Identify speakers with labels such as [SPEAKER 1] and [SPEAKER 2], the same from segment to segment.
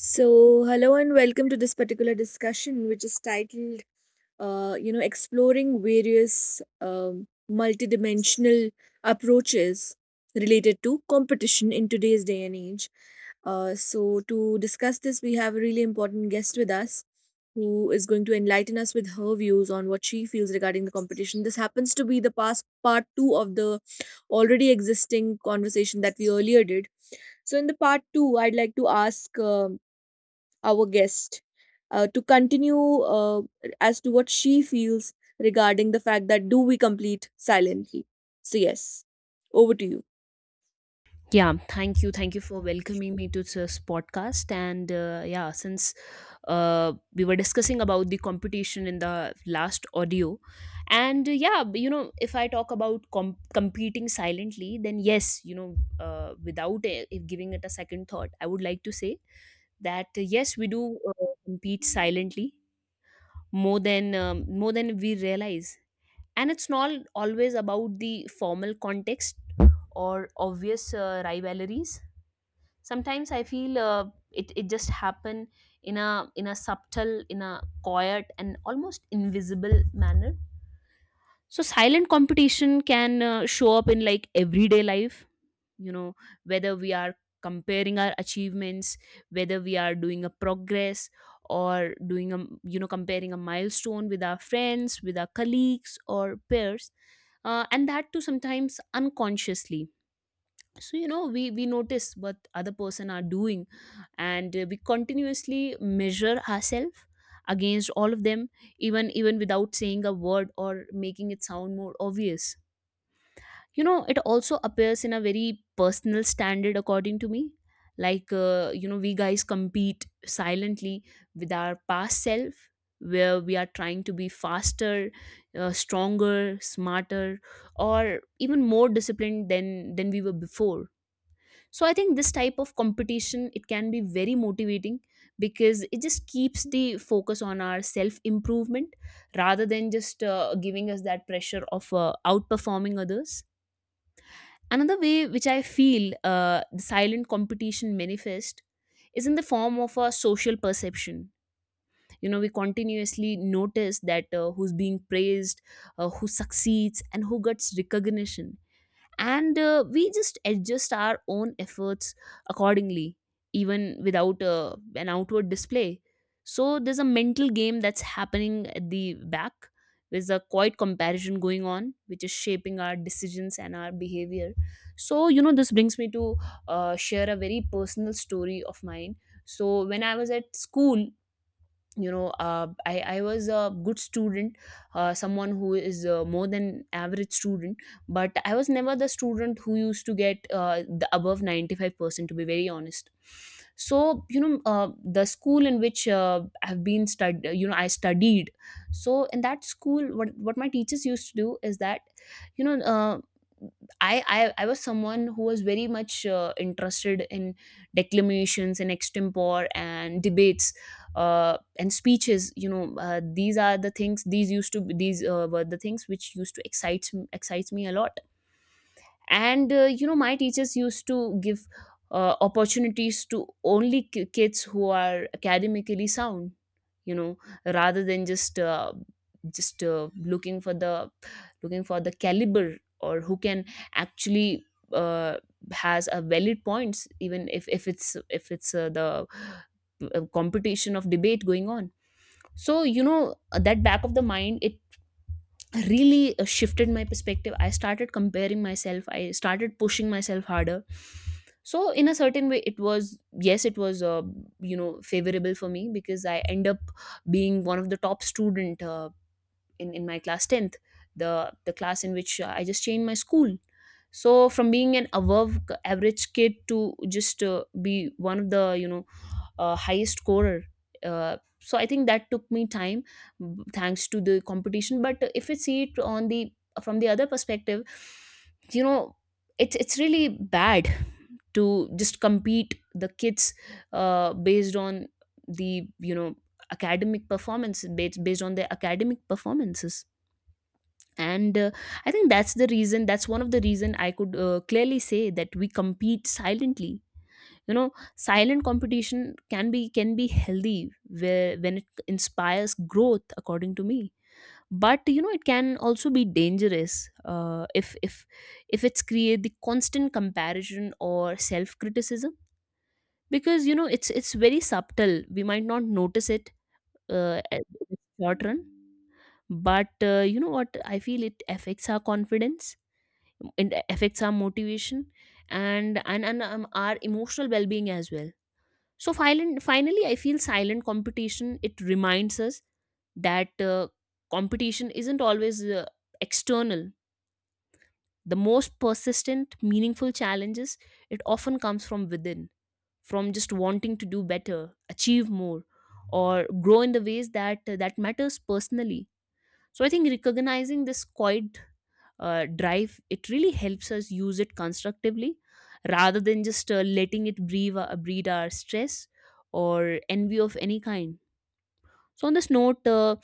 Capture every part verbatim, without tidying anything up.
[SPEAKER 1] So, hello and welcome to this particular discussion, which is titled, uh, you know, exploring various um, multidimensional approaches related to competition in today's day and age. Uh, so, to discuss this, we have a really important guest with us who is going to enlighten us with her views on what she feels regarding the competition. This happens to be the past part two of the already existing conversation that we earlier did. So, in the part two, I'd like to ask. um our guest uh, to continue uh, as to what she feels regarding the fact that do we complete silently. So, yes, over to you.
[SPEAKER 2] Yeah, thank you. Thank you for welcoming me to this podcast. And uh, yeah, since uh, we were discussing about the competition in the last audio. And uh, yeah, b- you know, if I talk about com- competing silently, then yes, you know, uh, without uh, if giving it a second thought, I would like to say that uh, yes, we do uh, compete silently more than um, more than we realize. And it's not always about the formal context or obvious uh, rivalries. Sometimes I feel uh, it, it just happen in a in a subtle, in a quiet, and almost invisible manner. So silent competition can uh, show up in like everyday life, you know whether we are comparing our achievements, whether we are doing a progress, or doing a you know comparing a milestone with our friends, with our colleagues or peers, uh, and that too sometimes unconsciously. So you know we we notice what other person are doing, and uh, we continuously measure ourselves against all of them, even even without saying a word or making it sound more obvious. You know it also appears in a very personal standard, according to me. Like, uh, you know we guys compete silently with our past self, where we are trying to be faster, uh, stronger, smarter, or even more disciplined than than we were before. So I think this type of competition, it can be very motivating, because it just keeps the focus on our self improvement rather than just uh, giving us that pressure of uh, outperforming others. Another way which I feel uh, the silent competition manifest is in the form of a social perception. You know we continuously notice that uh, who's being praised, uh, who succeeds, and who gets recognition. And uh, we just adjust our own efforts accordingly, even without uh, an outward display. So there's a mental game that's happening at the back. There's a quiet comparison going on, which is shaping our decisions and our behavior. So you know this brings me to uh, share a very personal story of mine. So when I was at school, you know uh, I, I was a good student, uh, someone who is uh, more than average student. But I was never the student who used to get uh, the above ninety-five percent, to be very honest. So you know uh, the school in which uh, I've been stud you know I studied, so in that school, what what my teachers used to do is that, you know uh, I, I I was someone who was very much uh, interested in declamations and extempore and debates, uh, and speeches. you know uh, these are the things these used to be, these uh, were the things which used to excite excites me a lot. And uh, you know my teachers used to give uh, opportunities to only ki- kids who are academically sound, you know rather than just uh, just uh, looking for the looking for the caliber, or who can actually, uh, has a valid points, even if if it's if it's uh, the uh, competition of debate going on. So you know uh, that back of the mind, it really uh, shifted my perspective. I started comparing myself, I started pushing myself harder. So in a certain way it was, yes, it was uh, you know favorable for me, because I end up being one of the top student uh, in in my class tenth, the the class in which uh, I just changed my school. So from being an above c- average kid to just uh, be one of the, you know uh, highest scorer. Uh, so I think that took me time, b- thanks to the competition. But if we see it on the from the other perspective, you know it's it's really bad to just compete the kids uh, based on the you know academic performance, based, based on their academic performances. And uh, I think that's the reason that's one of the reason I could uh, clearly say that we compete silently. you know Silent competition can be, can be healthy where when it inspires growth, according to me. But you know it can also be dangerous uh, if if if it's create the constant comparison or self criticism. Because you know it's it's very subtle, we might not notice it uh, at in the short run. But uh, you know what I feel, it affects our confidence, it affects our motivation, and and, and um, our emotional well-being as well. So filen- finally, I feel silent competition, it reminds us that uh, competition isn't always uh, external. The most persistent, meaningful challenges, it often comes from within, from just wanting to do better, achieve more, or grow in the ways that uh, that matters personally. So I think recognizing this quiet uh, drive, it really helps us use it constructively rather than just uh, letting it breathe, uh, breed our stress or envy of any kind. So on this note, uh,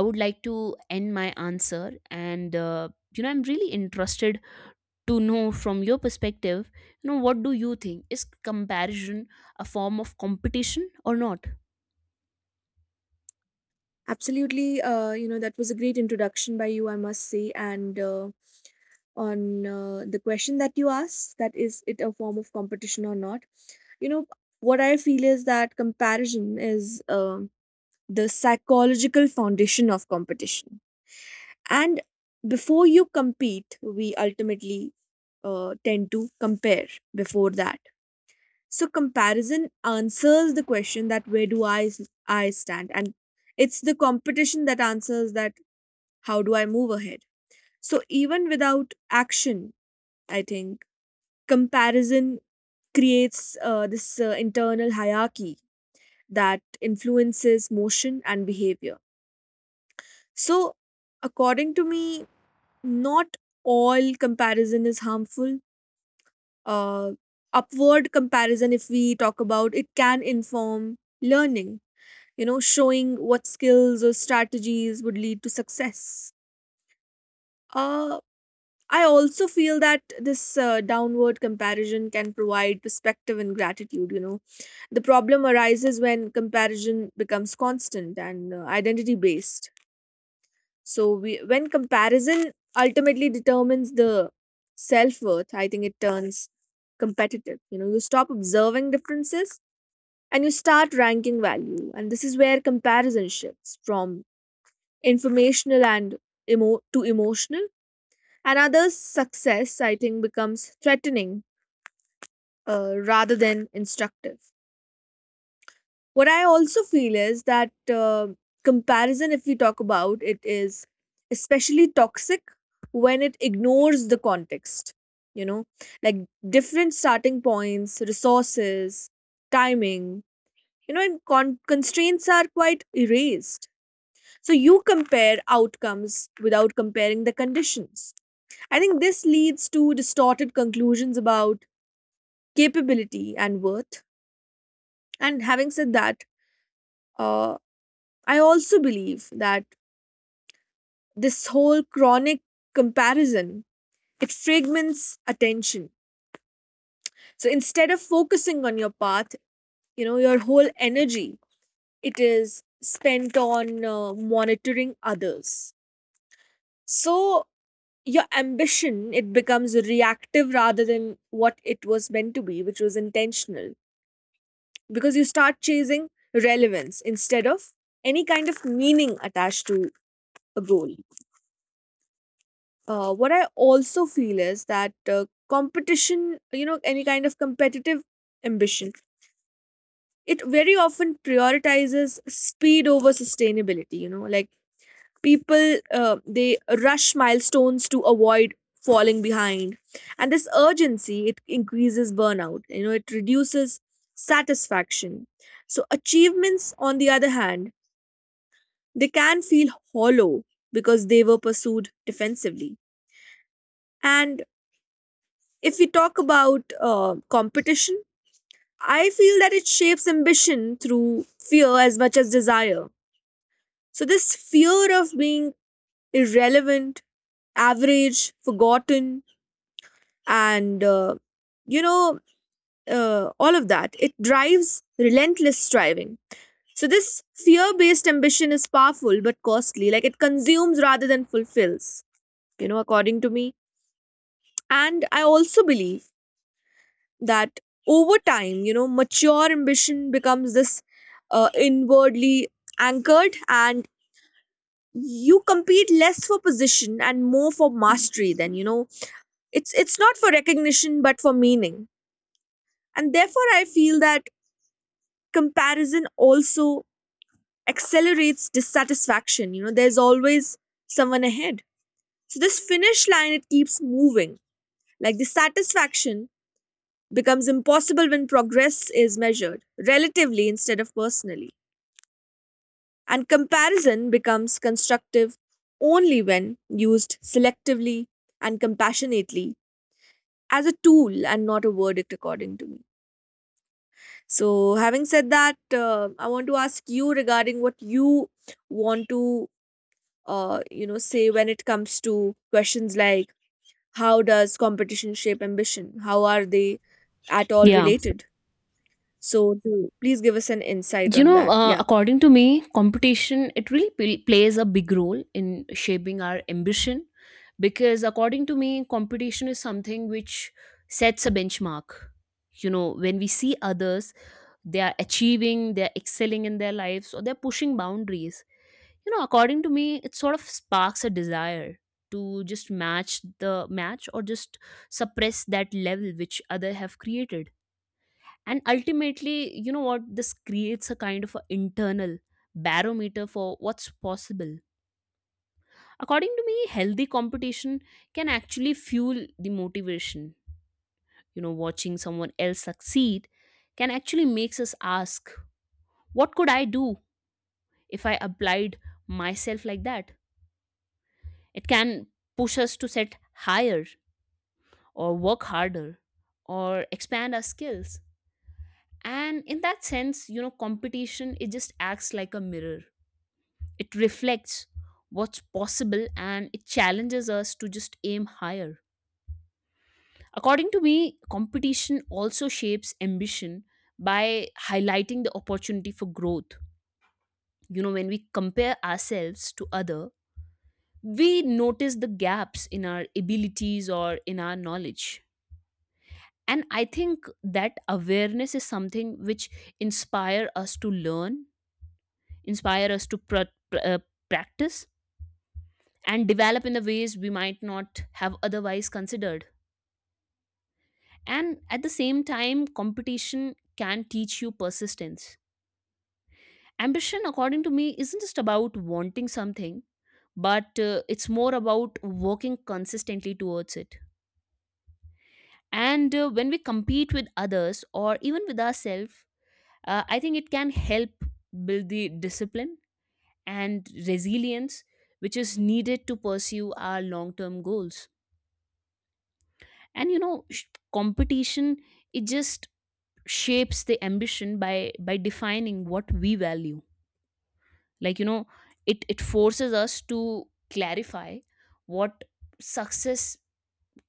[SPEAKER 2] I would like to end my answer, and uh, you know I'm really interested to know from your perspective, you know what do you think is comparison, a form of competition or not?
[SPEAKER 1] Absolutely. Uh, you know, that was a great introduction by you, I must say. And uh, on uh, the question that you asked, that is it a form of competition or not? You know, what I feel is that comparison is um the psychological foundation of competition. and before you compete, we ultimately uh, tend to compare before that. So, comparison answers the question that where do i s- i stand, and it's the competition that answers that how do I move ahead. So, even without action, I think comparison creates uh, this uh, internal hierarchy that influences motion and behavior. So, according to me, not all comparison is harmful. uh, Upward comparison, if we talk about it, can inform learning, you know showing what skills or strategies would lead to success. uh, I also feel that this uh, downward comparison can provide perspective and gratitude. You know the problem arises when comparison becomes constant and uh, identity based. So, we, when comparison ultimately determines the self worth, I think it turns competitive. You know, you stop observing differences, and you start ranking value, and this is where comparison shifts from informational and emo- to emotional. And others' success, I think, becomes threatening uh, rather than instructive. What I also feel is that uh, comparison, if we talk about it, is especially toxic when it ignores the context. You know, like different starting points, resources, timing, you know, and con- constraints are quite erased. So you compare outcomes without comparing the conditions. I think this leads to distorted conclusions about capability and worth. And having said that, uh, I also believe that this whole chronic comparison it fragments attention. So, instead of focusing on your path, you know your whole energy it is spent on uh, monitoring others. So, your ambition it becomes reactive rather than what it was meant to be, which was intentional, because you start chasing relevance instead of any kind of meaning attached to a goal. Uh, what I also feel is that uh, competition, you know any kind of competitive ambition, it very often prioritizes speed over sustainability, you know like people, uh, they rush milestones to avoid falling behind. And this urgency it increases burnout, you know it reduces satisfaction. So, achievements on the other hand they can feel hollow because they were pursued defensively, and If we talk about uh, competition, I feel that it shapes ambition through fear as much as desire. So, this fear of being irrelevant, average, forgotten, and uh, you know, uh, all of that, it drives relentless striving. So, this fear based ambition is powerful but costly, like it consumes rather than fulfills, you know, according to me. And I also believe that over time, you know, mature ambition becomes this uh, inwardly anchored, and you compete less for position and more for mastery. Then, you know it's it's not for recognition but for meaning. And therefore, I feel that comparison also accelerates dissatisfaction. You know there's always someone ahead, so this finish line it keeps moving, like the satisfaction becomes impossible when progress is measured relatively instead of personally. And comparison becomes constructive only when used selectively and compassionately, as a tool and not a verdict, according to me. So, having said that, uh, I want to ask you regarding what you want to, uh, you know, say when it comes to questions like how does competition shape ambition? How are they at all
[SPEAKER 2] Yeah,
[SPEAKER 1] related? So, do, please give us an insight
[SPEAKER 2] you
[SPEAKER 1] on
[SPEAKER 2] know
[SPEAKER 1] that.
[SPEAKER 2] uh,
[SPEAKER 1] Yeah.
[SPEAKER 2] according to me, competition, it really pl- plays a big role in shaping our ambition, because according to me, competition is something which sets a benchmark. You know when we see others, they are achieving, they're excelling in their lives, or they're pushing boundaries, you know according to me, it sort of sparks a desire to just match, the match, or just suppress that level which other have created. And ultimately, you know what, this creates a kind of a internal barometer for what's possible. According to me, healthy competition can actually fuel the motivation. You know watching someone else succeed can actually makes us ask, what could I do if I applied myself like that? It can push us to set higher, or work harder, or expand our skills. And in that sense, you know competition, it just acts like a mirror. It reflects what's possible, and it challenges us to just aim higher. According to me, competition also shapes ambition by highlighting the opportunity for growth. You know, when we compare ourselves to other, we notice the gaps in our abilities or in our knowledge. And I think that awareness is something which inspire us to learn, inspire us to pr- pr- uh, practice and develop in the ways we might not have otherwise considered. And at the same time, competition can teach you persistence. Ambition, according to me, isn't just about wanting something, but uh, it's more about working consistently towards it. And uh, when we compete with others or even with ourselves, uh, I think it can help build the discipline and resilience which is needed to pursue our long term goals. And you know, sh- competition, it just shapes the ambition by by defining what we value. Like, you know it it forces us to clarify what success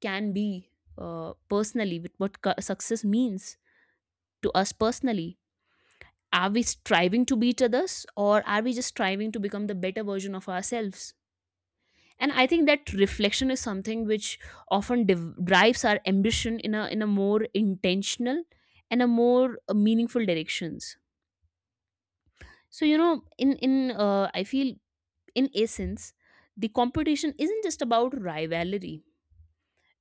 [SPEAKER 2] can be, uh, personally, with what cu- success means to us personally. Are we striving to beat others, or are we just striving to become the better version of ourselves? And I think that reflection is something which often div- drives our ambition in a in a more intentional and a more uh, meaningful directions. So you know in in uh, I feel, in essence, the competition isn't just about rivalry,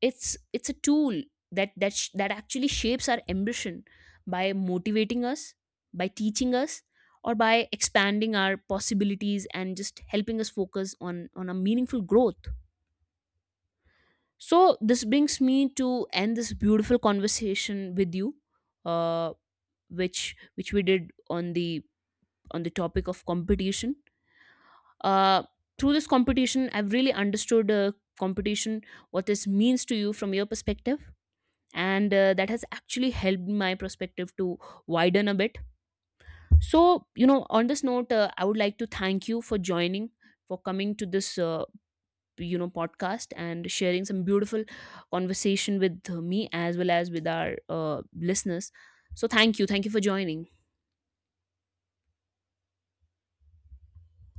[SPEAKER 2] it's it's a tool that that sh- that actually shapes our ambition by motivating us, by teaching us, or by expanding our possibilities, and just helping us focus on on a meaningful growth. So this brings me to end this beautiful conversation with you, uh, which which we did on the, on the topic of competition, uh, through this competition, I've really understood uh, competition, what this means to you from your perspective. And uh, that has actually helped my perspective to widen a bit. So you know on this note, uh, I would like to thank you for joining, for coming to this, uh, you know podcast, and sharing some beautiful conversation with uh, me, as well as with our uh, listeners. So thank you. Thank you for joining.